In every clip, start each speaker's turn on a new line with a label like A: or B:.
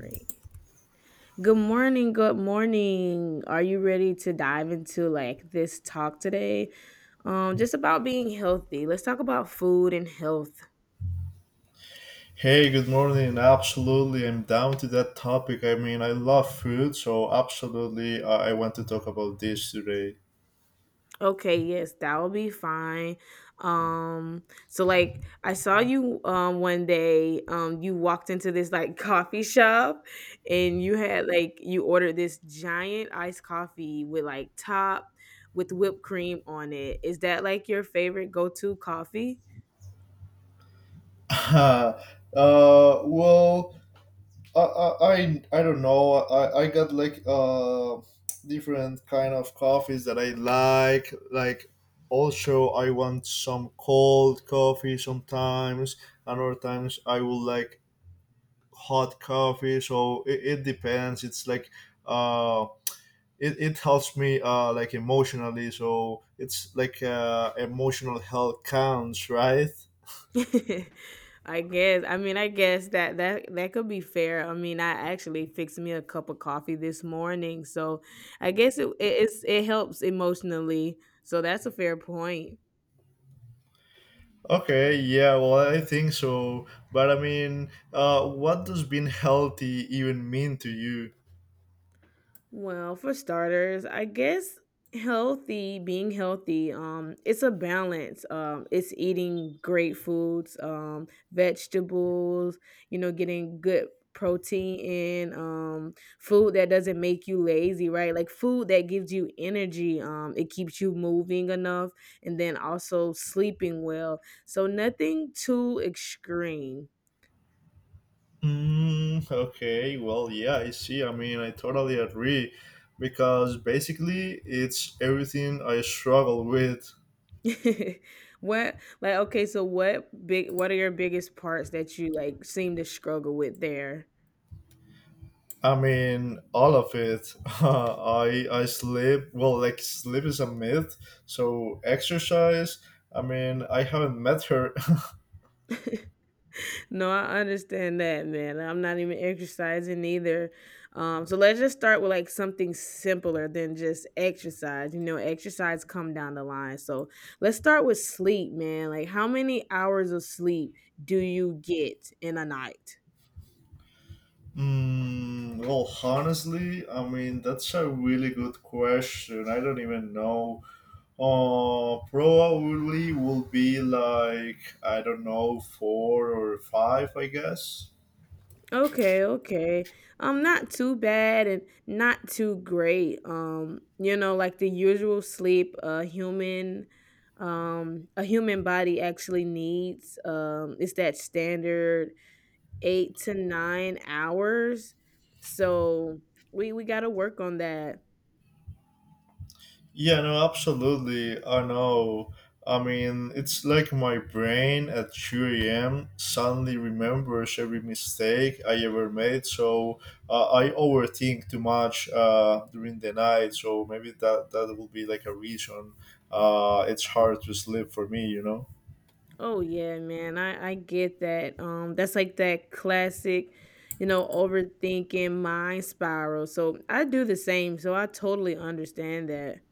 A: Right. Good morning. Good morning. Are you ready to dive into like this talk today? Just about being healthy. Let's talk about food and health.
B: Hey, good morning. Absolutely, I'm down to that topic. I mean, I love food, so absolutely, I want to talk about this today.
A: Okay, yes, that will be fine. So like I saw you one day, you walked into this like coffee shop and you had like you ordered this giant iced coffee with like top with whipped cream on it. Is that like your favorite go-to coffee?
B: uh, well, I don't know. I got like different kind of coffees that I like. Like, also, I want some cold coffee sometimes, and other times I will like hot coffee. So it depends. It's like uh it helps me like emotionally, so it's like emotional health counts, right?
A: I guess. I mean, I guess that could be fair. I mean, I actually fixed me a cup of coffee this morning, so I guess it helps emotionally. So that's a fair point.
B: Okay, yeah, well, I think so. But I mean, what does being healthy even mean to you?
A: Well, for starters, I guess being healthy, it's a balance. It's eating great foods, vegetables, you know, getting good protein in, food that doesn't make you lazy, right? Like food that gives you energy, it keeps you moving enough, and then also sleeping well. So nothing too extreme.
B: Mm, okay, well, yeah, I see. I mean, I totally agree because basically it's everything I struggle with.
A: What, what big what are your biggest parts that you like seem to struggle with there?
B: I mean, all of it. I sleep. Well, like sleep is a myth. So exercise. I mean, I haven't met her.
A: No, I understand that, man. I'm not even exercising either. So let's just start with like something simpler than just exercise. You know, exercise come down the line. So let's start with sleep, man. Like, how many hours of sleep do you get in a night?
B: Well, honestly, I mean that's a really good question. I don't even know. Probably will be like I don't know four or five, I guess.
A: Okay, okay. Not too bad and not too great. You know, like the usual sleep a human body actually needs. It's that standard 8 to 9 hours. So we gotta work on that.
B: Yeah, no, absolutely. I know. I mean, it's like my brain at 2 a.m. suddenly remembers every mistake I ever made. So I overthink too much during the night. So maybe that will be like a reason it's hard to sleep for me, you know?
A: Oh yeah, man. I get that. That's like that classic, you know, overthinking mind spiral. So I do the same, so I totally understand that.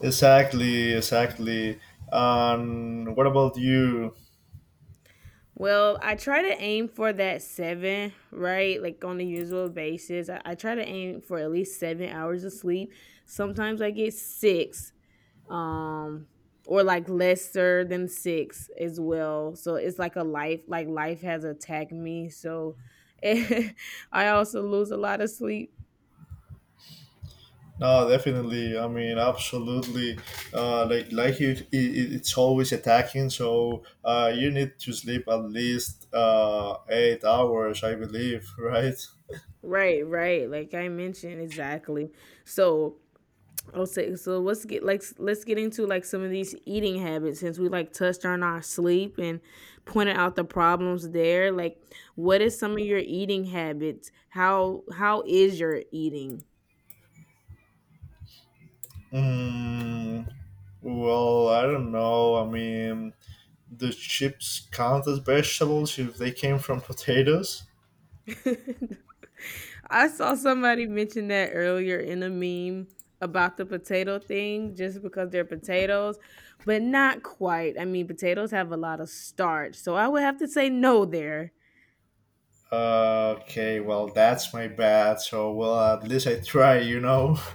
B: Exactly, exactly. And what about you?
A: Well, I try to aim for that 7, right? Like on a usual basis. I try to aim for at least 7 hours of sleep. Sometimes I get 6, um or like lesser than 6 as well. So it's like a life like life has attacked me. So I also lose a lot of sleep.
B: No, definitely. I mean, absolutely. Like you, it's always attacking. So you need to sleep at least 8 hours, I believe, right?
A: Right, right. Like I mentioned, exactly. So I'll say so. Let's get like let's get into like some of these eating habits, since we like touched on our sleep and pointed out the problems there. Like, what is some of your eating habits? How is your eating?
B: Mm, well, I don't know. I mean, the chips count as vegetables if they came from potatoes.
A: I saw somebody mention that earlier in a meme about the potato thing, just because they're potatoes, but not quite. I mean, potatoes have a lot of starch, so I would have to say no there.
B: Okay, well, that's my bad. So, well, at least I try, you know?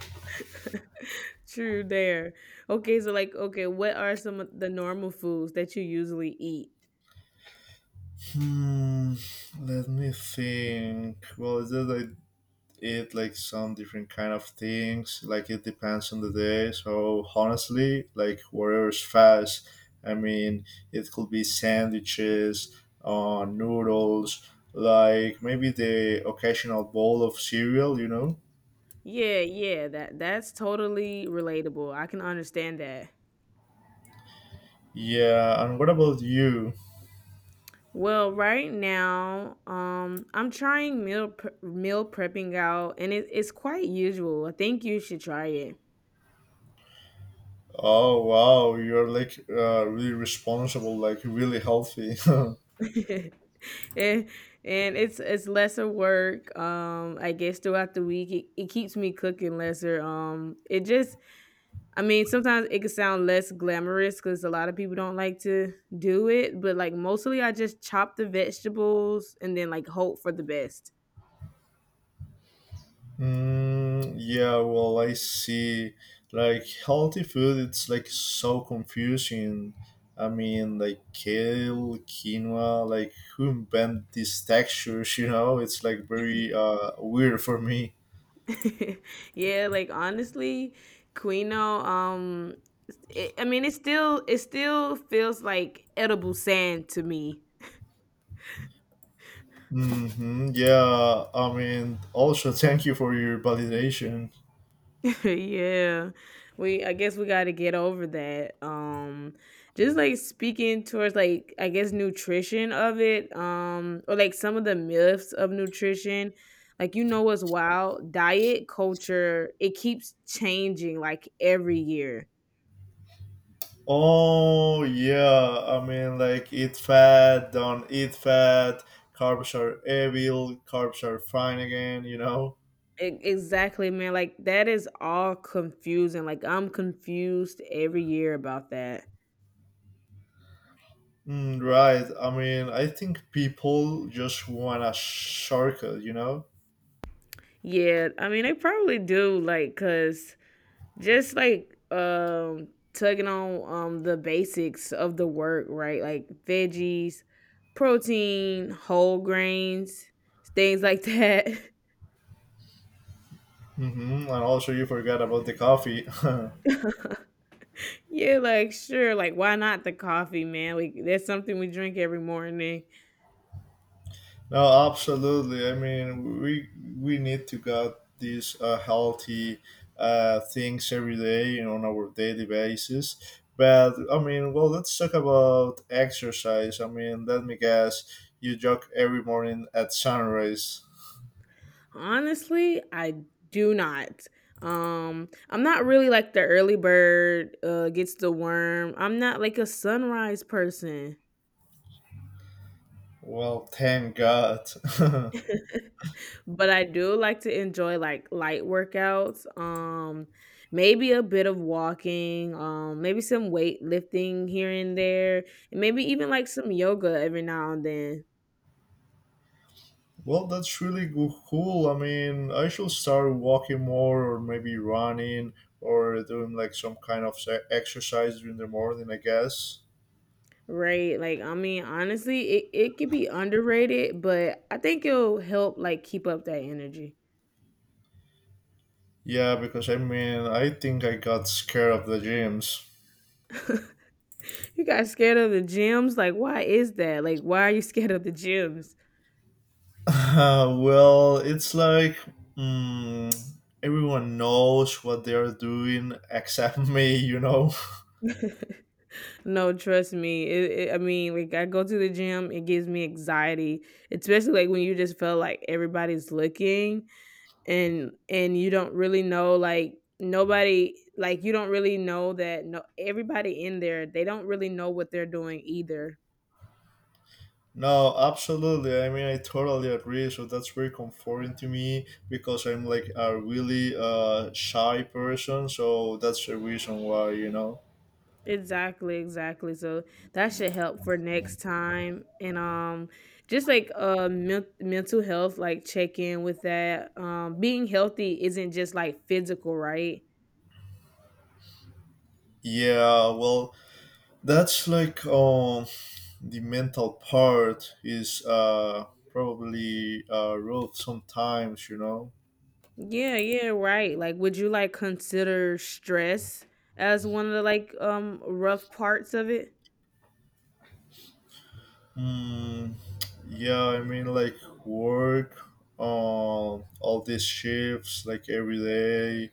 A: True there. Okay, what are some of the normal foods that you usually eat?
B: Hmm, let me think. Well, is it eat like some different kind of things. Like it depends on the day. So honestly, like whatever's fast. I mean, it could be sandwiches, noodles, like maybe the occasional bowl of cereal, you know?
A: Yeah, yeah, that's totally relatable. I can understand that.
B: Yeah. And what about you?
A: Well, right now, I'm trying meal prepping out, and it's quite usual. I think you should try
B: Oh wow, you're like really responsible, like really healthy.
A: it. And and it's lesser work, um, I guess throughout the week. It keeps me cooking lesser. It just, I mean, sometimes it can sound less glamorous because a lot of people don't like to do it, but like mostly I just chop the vegetables and then like hope for the best.
B: Mm, yeah, well, I see. Like healthy food, it's like so confusing. I mean, like kale, quinoa, like who invented these textures? You know, it's like very weird for me.
A: Yeah, like honestly, Quino, it, I mean it still feels like edible sand to me.
B: Mm-hmm, yeah, I mean, also thank you for your validation.
A: Yeah. We I guess we got to get over that. Just like speaking towards like I guess nutrition of it, um, or like some of the myths of nutrition. Like, you know what's wild? Diet culture, it keeps changing like every year.
B: Oh yeah, I mean, like eat fat, don't eat fat. Carbs are evil. Carbs are fine again, you know.
A: Exactly, man. Like, that is all confusing. Like, I'm confused every year about that.
B: Mm, right. I mean, I think people just want a shortcut, you know?
A: Yeah, I mean they probably do, like, cuz just like tugging on the basics of the work, right? Like veggies, protein, whole grains, things like that.
B: And also, you forgot about the coffee.
A: Yeah, like sure, like why not the coffee, man? Like that's something we drink every morning.
B: No, absolutely. I mean, we need to get these healthy things every day and on our daily basis. But I mean, well, let's talk about exercise. I mean, let me guess, you jog every morning at sunrise.
A: Honestly, I do not. I'm not really like the early bird gets the worm. I'm not like a sunrise person,
B: Well, thank God.
A: but I do like to enjoy like light workouts. Maybe a bit of walking. Maybe some weightlifting here and there, and maybe even like some yoga every now and then.
B: Well, that's really cool. I mean, I should start walking more, or maybe running, or doing like some kind of exercise during the morning, I guess.
A: Right? Like, I mean, honestly, it could be underrated, but I think it'll help like keep up that energy.
B: Yeah, because I mean, I think I got scared of the gyms.
A: You got scared of the gyms? Like, why is that? Like, why are you scared of the gyms?
B: Well, it's like mm, everyone knows what they are doing except me, you know?
A: No, trust me. I mean, like, I go to the gym, it gives me anxiety, especially like when you just feel like everybody's looking and you don't really know, like nobody, like you don't really know that, no, everybody in there, they don't really know what they're doing either.
B: No, absolutely. I mean, I totally agree. So that's very comforting to me because I'm like a really shy person. So that's the reason why.
A: Exactly, exactly. So that should help for next time. And just like mental health, like check in with that. Um, being healthy isn't just like physical, right?
B: Yeah, well, that's like the mental part is probably rough sometimes.
A: Yeah, yeah, right. Like, would you like consider stress as one of the like rough parts of it?
B: Mm, yeah, I mean, like work, all these shifts like every day,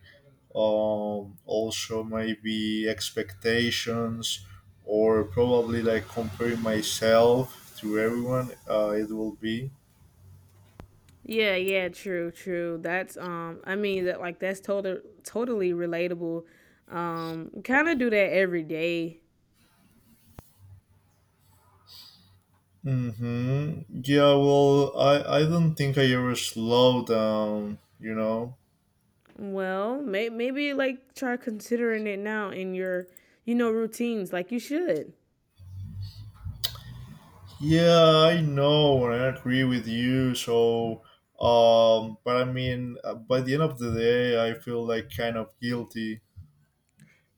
B: also maybe expectations, or probably like comparing myself to everyone, it will be.
A: Yeah, yeah, true, true. That's um, I mean that like that's totally relatable. Um, kind of do that every day.
B: Hmm, yeah, well, I don't think I ever slow down.
A: Well, maybe like try considering it now in your you know routines, like you should.
B: Yeah, I know, and I agree with you. So but I mean, by the end of the day I feel like kind of guilty.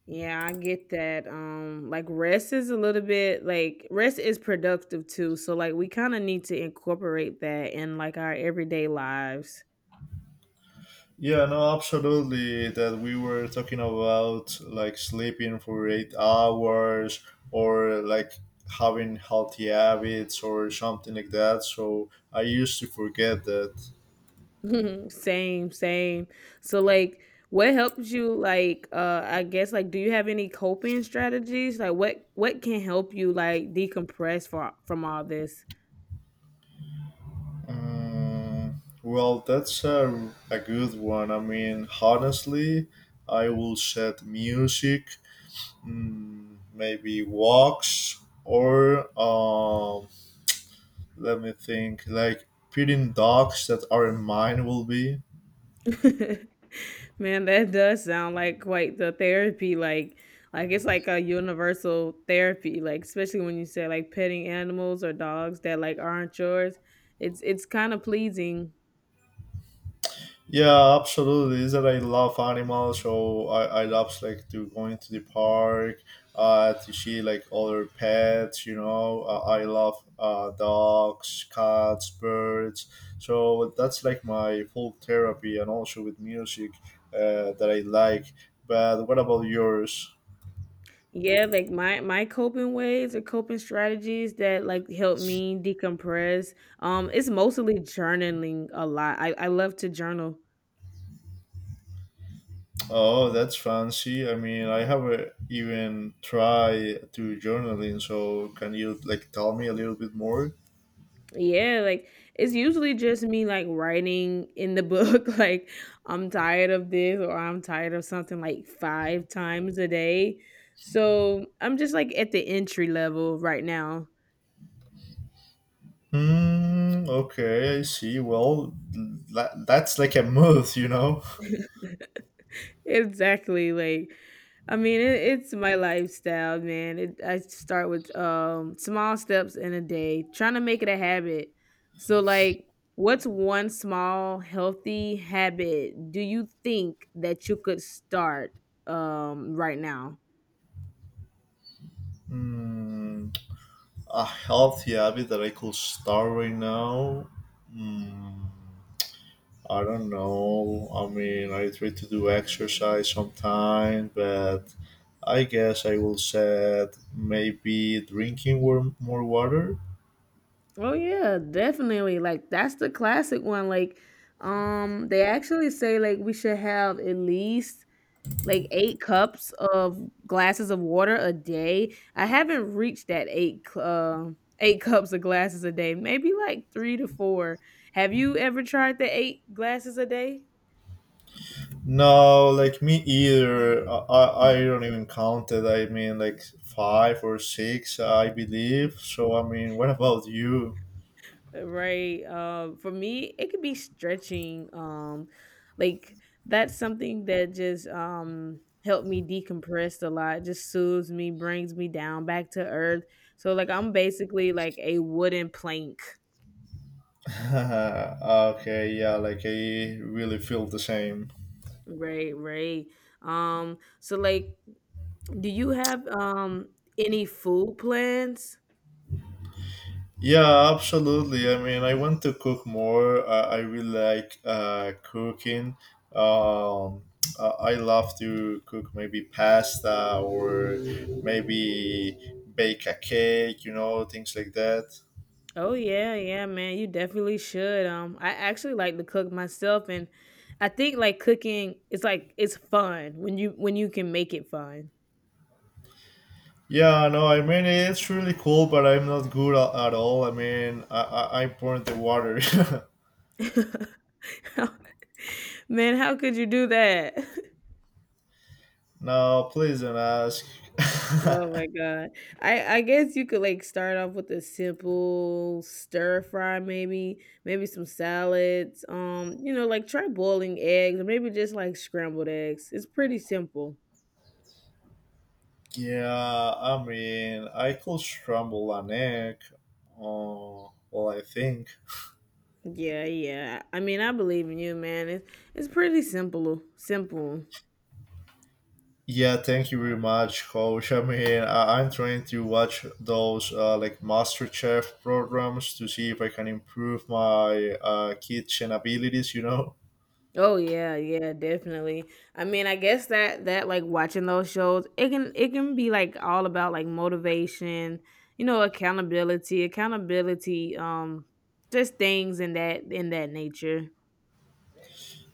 A: Yeah, I get that. Like rest is a little bit like rest is productive too. So like we kind of need to incorporate that in like our everyday lives.
B: Yeah, no, absolutely. That we were talking about like sleeping for 8 hours or like having healthy habits or something like that. So I used to forget that.
A: Same, same. So like what helps you like uh, I guess, like do you have any coping strategies? Like what can help you like decompress from all this?
B: Well, that's a good one. I mean, honestly, I will set music, maybe walks, or let me think, like feeding dogs that are in mine will be.
A: Man, that does sound like quite the therapy. Like it's like a universal therapy. Like, especially when you say like petting animals or dogs that like aren't yours, it's kind of pleasing.
B: Yeah, absolutely. Is that I love animals, so I love like to going to the park, to see like other pets. I love dogs, cats, birds. So that's like my full therapy, and also with music that I like. But what about yours?
A: Yeah, like my coping ways or coping strategies that like help me decompress. It's mostly journaling a lot. I love to journal.
B: Oh, that's fancy. I mean, I haven't even tried to journaling. So can you like tell me a little bit more?
A: Yeah, like it's usually just me like writing in the book like I'm tired of this, or I'm tired of something like five times a day. So I'm just like at the entry level right now.
B: Mm, okay, I see. Well, that's like a myth, you know?
A: Exactly, like, I mean, it's my lifestyle, man. It I start with, small steps in a day, trying to make it a habit. So, like, what's one small healthy habit do you think that you could start, right now?
B: Mm, a healthy habit that I could start right now. Mm, I don't know. I mean, I try to do exercise sometime, but I guess I will set maybe drinking more water.
A: Oh, yeah, definitely, like, that's the classic one, like, they actually say, like, we should have at least like 8 cups of glasses of water a day. I haven't reached that 8 cups of glasses a day, maybe like 3 to 4. Have you ever tried the 8 glasses a day?
B: No, like me either. I don't even count it. I mean, like five or six, I believe. So, I mean, what about you?
A: Right, for me, it could be stretching, like, that's something that just, helped me decompress a lot, just soothes me, brings me down back to earth. So, like, I'm basically like a wooden plank.
B: Okay, yeah, like I really feel the same.
A: Right, right. So like, do you have any food plans?
B: Yeah, absolutely. I mean, I want to cook more. I really like cooking. Um, I love to cook maybe pasta or maybe bake a cake, you know, things like that.
A: Oh yeah, yeah, man. You definitely should. I actually like to cook myself, and I think like cooking it's fun when you can make it fun.
B: Yeah, no, I mean it's really cool, but I'm not good at all. I mean, I poured the water.
A: Man, how could you do that?
B: No, please don't ask.
A: Oh my god. I guess you could like start off with a simple stir fry, maybe, maybe some salads. You know, like try boiling eggs or maybe just like scrambled eggs. It's pretty simple.
B: Yeah, I mean, I could scramble an egg. Oh, well, I think.
A: Yeah, yeah. I mean, I believe in you, man. It's pretty simple. Simple.
B: Yeah, thank you very much, Coach. I mean, I'm trying to watch those like MasterChef programs to see if I can improve my kitchen abilities.
A: Oh yeah, yeah, definitely. I mean, I guess that like watching those shows, it can be like all about like motivation, you know, accountability, accountability, just things in that nature.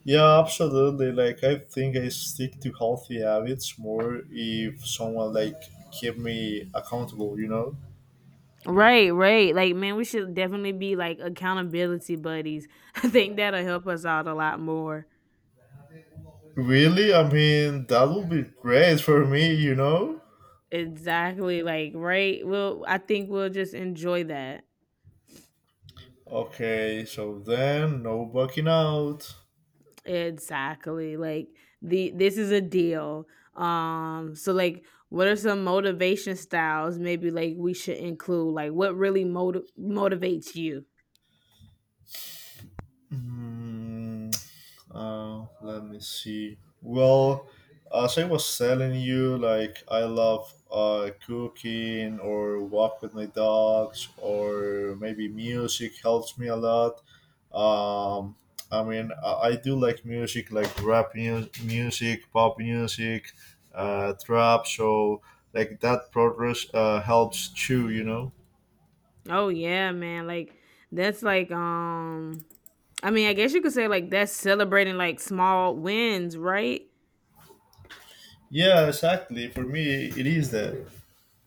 B: Yeah, absolutely. Like I think I stick to healthy habits more if someone like keep me accountable, you know?
A: Right, right. Like, man, we should definitely be like accountability buddies. I think that'll help us out a lot more.
B: Really? I mean that would be great for me, you know?
A: Exactly. Like, right. We'll I think we'll just enjoy that.
B: Okay, so then no bucking out.
A: Exactly. Like, the this is a deal. So like, what are some motivation styles maybe like we should include? Like, what really motivates you?
B: Mm, let me see. Well, as I was telling you, like I love cooking, or walk with my dogs, or maybe music helps me a lot. Um, I mean, I do like music, like rap music, pop music, trap. So like that progress helps too.
A: Oh yeah, man. Like that's like um, I mean, I guess you could say like that's celebrating like small wins, right?
B: Yeah, exactly. For me, it is that.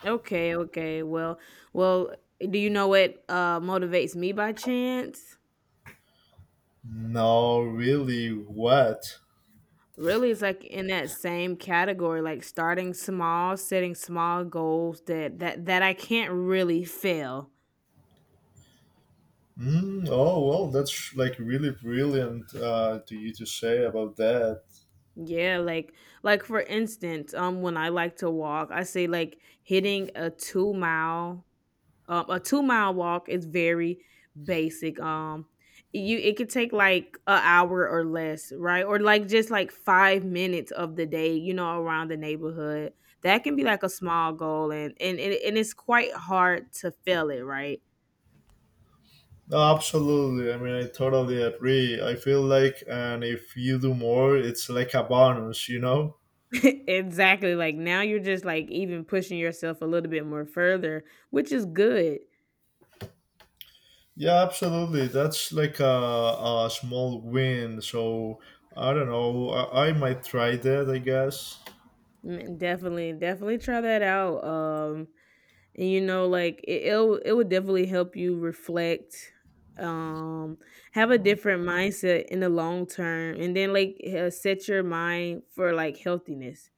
A: Okay, okay. Well, well, do you know what motivates me, by chance?
B: No, really, what?
A: Really, it's like in that same category, like starting small, setting small goals that I can't really fail.
B: Mm, oh, well, that's like really brilliant to you to say about that.
A: Yeah, like for instance, when I like to walk, I say like hitting a 2 mile, um, a 2 mile walk is very basic. You it could take like an hour or less, right? Or like just like 5 minutes of the day, you know, around the neighborhood. That can be like a small goal, and it's quite hard to fail it, right?
B: No, absolutely. I mean, I totally agree. I feel like, and if you do more, it's like a bonus, you know?
A: Exactly. Like now you're just like even pushing yourself a little bit more further, which is good.
B: Yeah, absolutely. That's like a small win. So I don't know. I might try that, I guess.
A: Definitely, definitely try that out. And you know like it will definitely help you reflect um have a different mindset in the long term, and then like set your mind for like healthiness.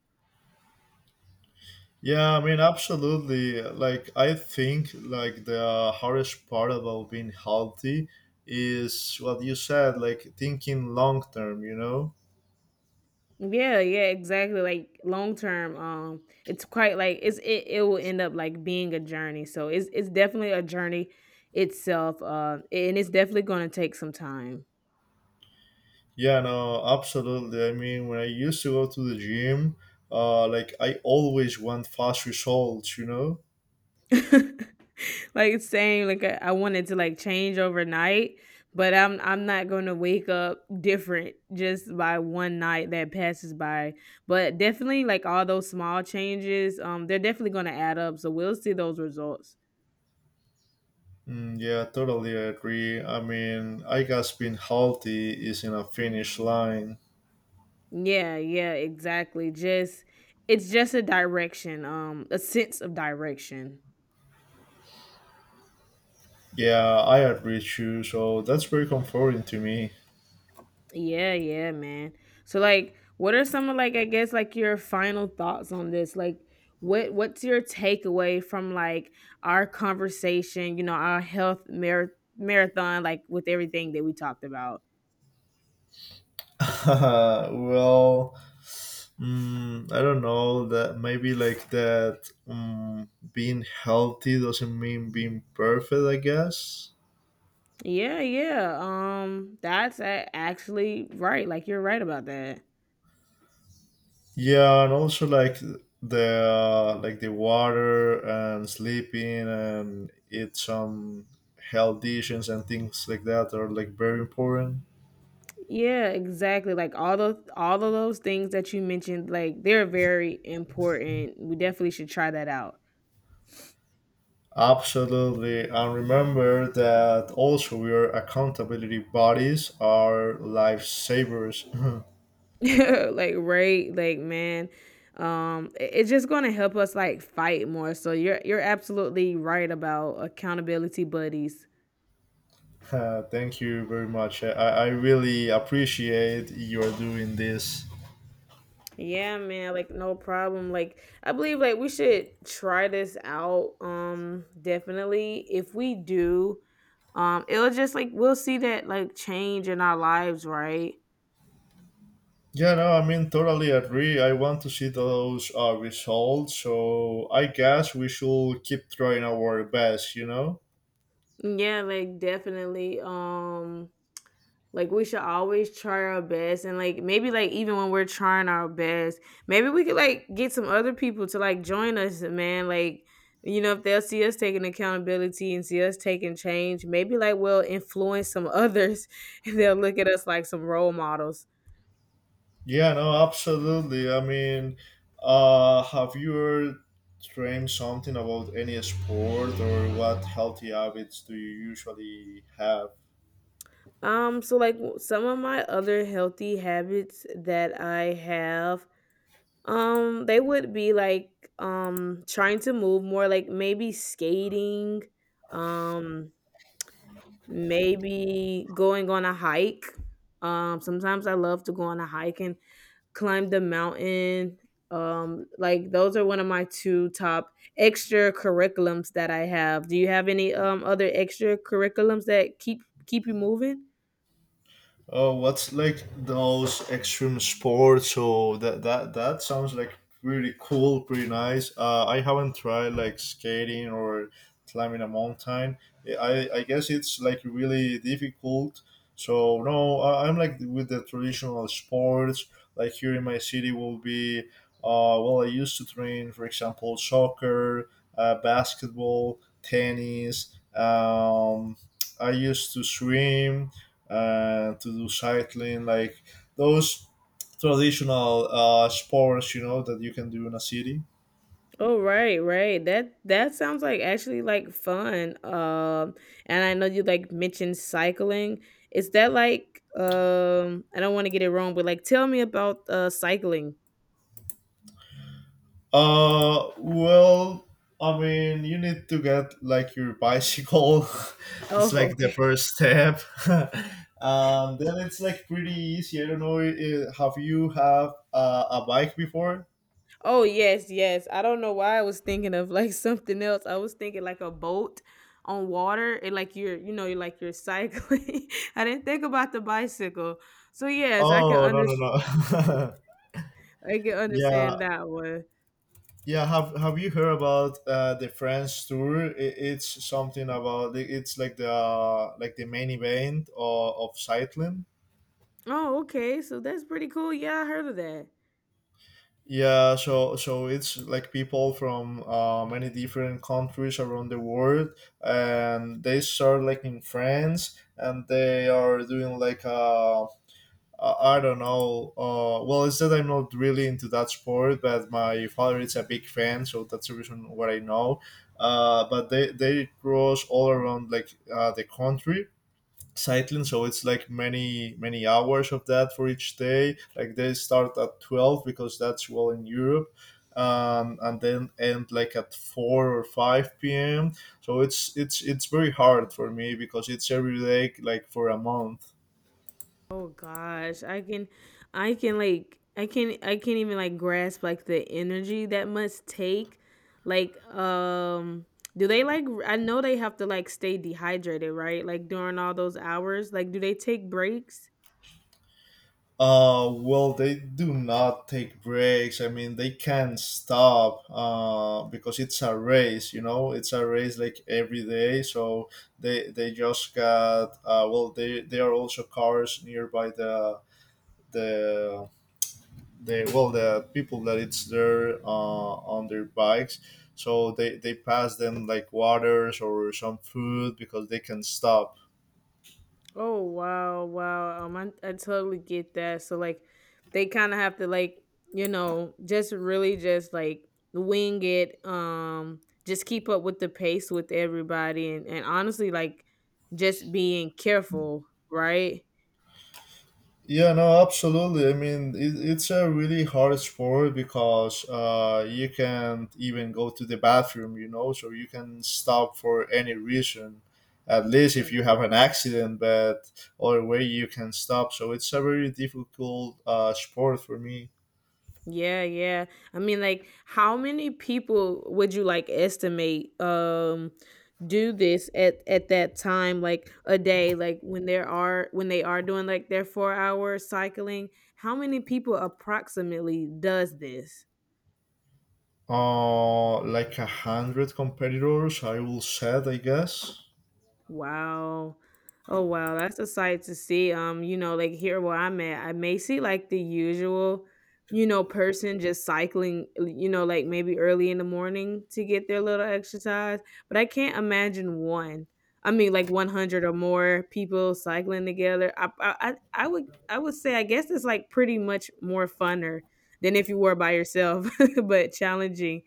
B: Yeah, I mean, absolutely. Like, I think like the hardest part about being healthy is what you said, like thinking long term. You know?
A: Yeah, exactly, like long term. It's quite like it will end up like being a journey, so it's definitely a journey itself, and it's definitely going to take some time.
B: Yeah, no, absolutely. I mean, when I used to go to the gym, like I always want fast results. You know?
A: Like it's saying like I wanted to like change overnight, but I'm not gonna wake up different just by one night that passes by. But definitely like all those small changes, they're definitely gonna add up. So we'll see those results.
B: Mm, yeah, totally agree. I mean, I guess being healthy is in a finish line.
A: Yeah, yeah, exactly. Just it's just a direction, a sense of direction.
B: Yeah, I agree too. So that's very comforting to me.
A: Yeah, yeah, man. So like what are some of, like I guess, like your final thoughts on this? Like what's your takeaway from like our conversation, you know, our marathon, like with everything that we talked about?
B: Well. I don't know, that maybe like that being healthy doesn't mean being perfect, I guess.
A: Yeah, yeah. That's actually right. Like you're right about that.
B: Yeah, and also like the water and sleeping and eat some health dishes and things like that are like very important.
A: Yeah, exactly. Like all of those things that you mentioned, like they're very important. We definitely should try that out.
B: Absolutely, and remember that also your accountability buddies are lifesavers.
A: Like right, like man. It's just going to help us like fight more, so you're absolutely right about accountability buddies.
B: Thank you very much. I really appreciate you're doing this.
A: Yeah, man, like no problem. Like I believe like we should try this out. Definitely, if we do it'll just like, we'll see that like change in our lives, right?
B: Yeah, no, I mean, totally agree. I want to see those results, so I guess we should keep trying our best, you know?
A: Yeah, like definitely. Like we should always try our best, and like maybe, like even when we're trying our best, maybe we could like get some other people to like join us, man. Like, you know, if they'll see us taking accountability and see us taking change, maybe like we'll influence some others and they'll look at us like some role models.
B: Yeah, no, absolutely. I mean, have you ever trained something about any sport, or what healthy habits do you usually have?
A: So like some of my other healthy habits that I have, they would be like trying to move more, like maybe skating, um maybe going on a hike. Sometimes I love to go on a hike and climb the mountain. Like those are one of my two top extra curriculums that I have. Do you have any other extra curriculums that keep you moving?
B: Oh, what's like those extreme sports? So that sounds like really cool, pretty nice. I haven't tried like skating or climbing a mountain. I guess it's like really difficult. So no, I'm like with the traditional sports. Like here in my city, will be well, I used to train, for example, soccer, basketball, tennis. I used to swim and to do cycling, like those traditional sports, that you can do in a city.
A: Oh right, right. That that sounds like actually like fun. And I know you like mentioned cycling. Is that like? I don't want to get it wrong, but like, tell me about cycling.
B: Well, I mean, you need to get like your bicycle. It's
A: Oh,
B: like the
A: okay.
B: first step. Then it's like pretty easy. I don't know. Have you have a bike before?
A: Oh yes, yes. I don't know why I was thinking of like something else. I was thinking like a boat on water and like you're, you know, you're like you're cycling. I didn't think about the bicycle. So yes, I can
B: Oh, no,
A: understand.
B: no, no.
A: I can understand
B: Yeah.
A: that one.
B: Yeah, have you heard about the French tour? It's something about it's like the main event of cycling.
A: Oh, okay. So that's pretty cool. Yeah, I heard of that.
B: Yeah, so it's like people from many different countries around the world, and they start like in France, and they are doing like a. I don't know. Well, it's that I'm not really into that sport, but my father is a big fan, so that's the reason what I know. But they cross all around like the country cycling, so it's like many hours of that for each day. Like they start at 12 because that's well in Europe. And then end like at 4 or 5 p.m. So it's very hard for me because it's every day like for a month.
A: Oh gosh, I can like, I can, I can't even like grasp like the energy that must take. Like, do they like? I know they have to like stay dehydrated, right? Like during all those hours. Like, do they take breaks?
B: Well, they do not take breaks. I mean, they can't stop because it's a race. It's a race like every day. So they just got well. They are also cars nearby the the well, the people that it's there on their bikes. So they pass them like waters or some food because they can stop.
A: Oh wow, wow. I totally get that. So like, they kind of have to like, you know, just really just like wing it. Just keep up with the pace with everybody, and honestly, like, just being careful, right?
B: Yeah, no, absolutely. I mean, it's a really hard sport because you can't even go to the bathroom, so you can stop for any reason, at least if you have an accident, but other way you can stop. So it's a very difficult sport for me.
A: Yeah, yeah. I mean, like, how many people would you like estimate do this at that time, like a day, like when there are when they are doing like their 4 hour cycling? How many people approximately does this?
B: Like 100 competitors, I will set, I guess.
A: Wow. Oh wow, that's a sight to see. You know, like here where I'm at, I may see like the usual, you know, person just cycling, you know, like maybe early in the morning to get their little exercise. But I can't imagine one. I mean, like 100 or more people cycling together. I would say, I guess it's like pretty much more funner than if you were by yourself, but challenging.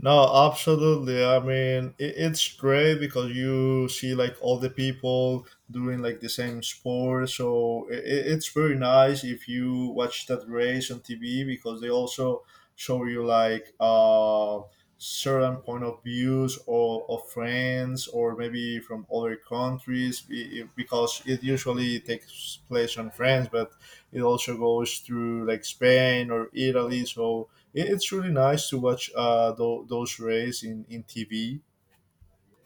B: No, absolutely. I mean, it's great because you see like all the people doing like the same sport. So it's very nice if you watch that race on TV because they also show you like certain point of views or of friends or maybe from other countries because it usually takes place on France. But it also goes through like Spain or Italy. So it's really nice to watch those races in TV.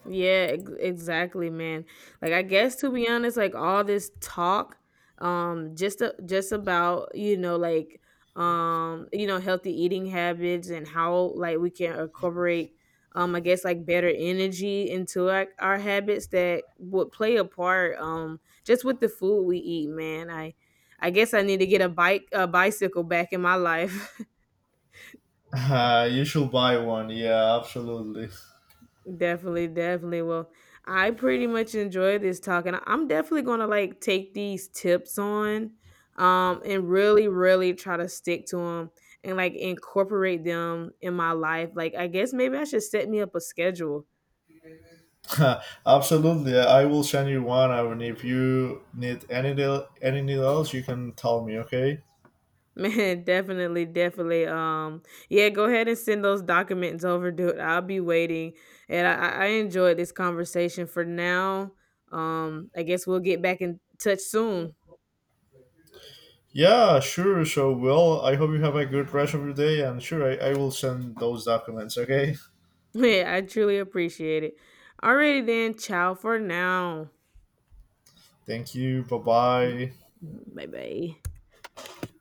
A: Yeah, exactly, man. Like I guess to be honest, like all this talk just about, you know, like you know, healthy eating habits and how like we can incorporate I guess like better energy into our habits that would play a part. Just with the food we eat, man. I guess I need to get a bicycle back in my life.
B: You should buy one. Yeah, absolutely.
A: Definitely, definitely. Well, I pretty much enjoy this talk, and I'm definitely gonna like take these tips on, and really, really try to stick to them and like incorporate them in my life. Like, I guess maybe I should set me up a schedule.
B: Absolutely. I will send you one. And if you need anything, anything else, you can tell me, okay?
A: Man, definitely, definitely. Yeah, go ahead and send those documents over, dude. I'll be waiting, and I enjoyed this conversation for now. I guess we'll get back in touch soon.
B: Yeah, sure. So, well, I hope you have a good rest of your day. And sure, I will send those documents, okay?
A: Yeah, I truly appreciate it. Alrighty then, ciao for now.
B: Thank you. Bye bye.
A: Bye bye.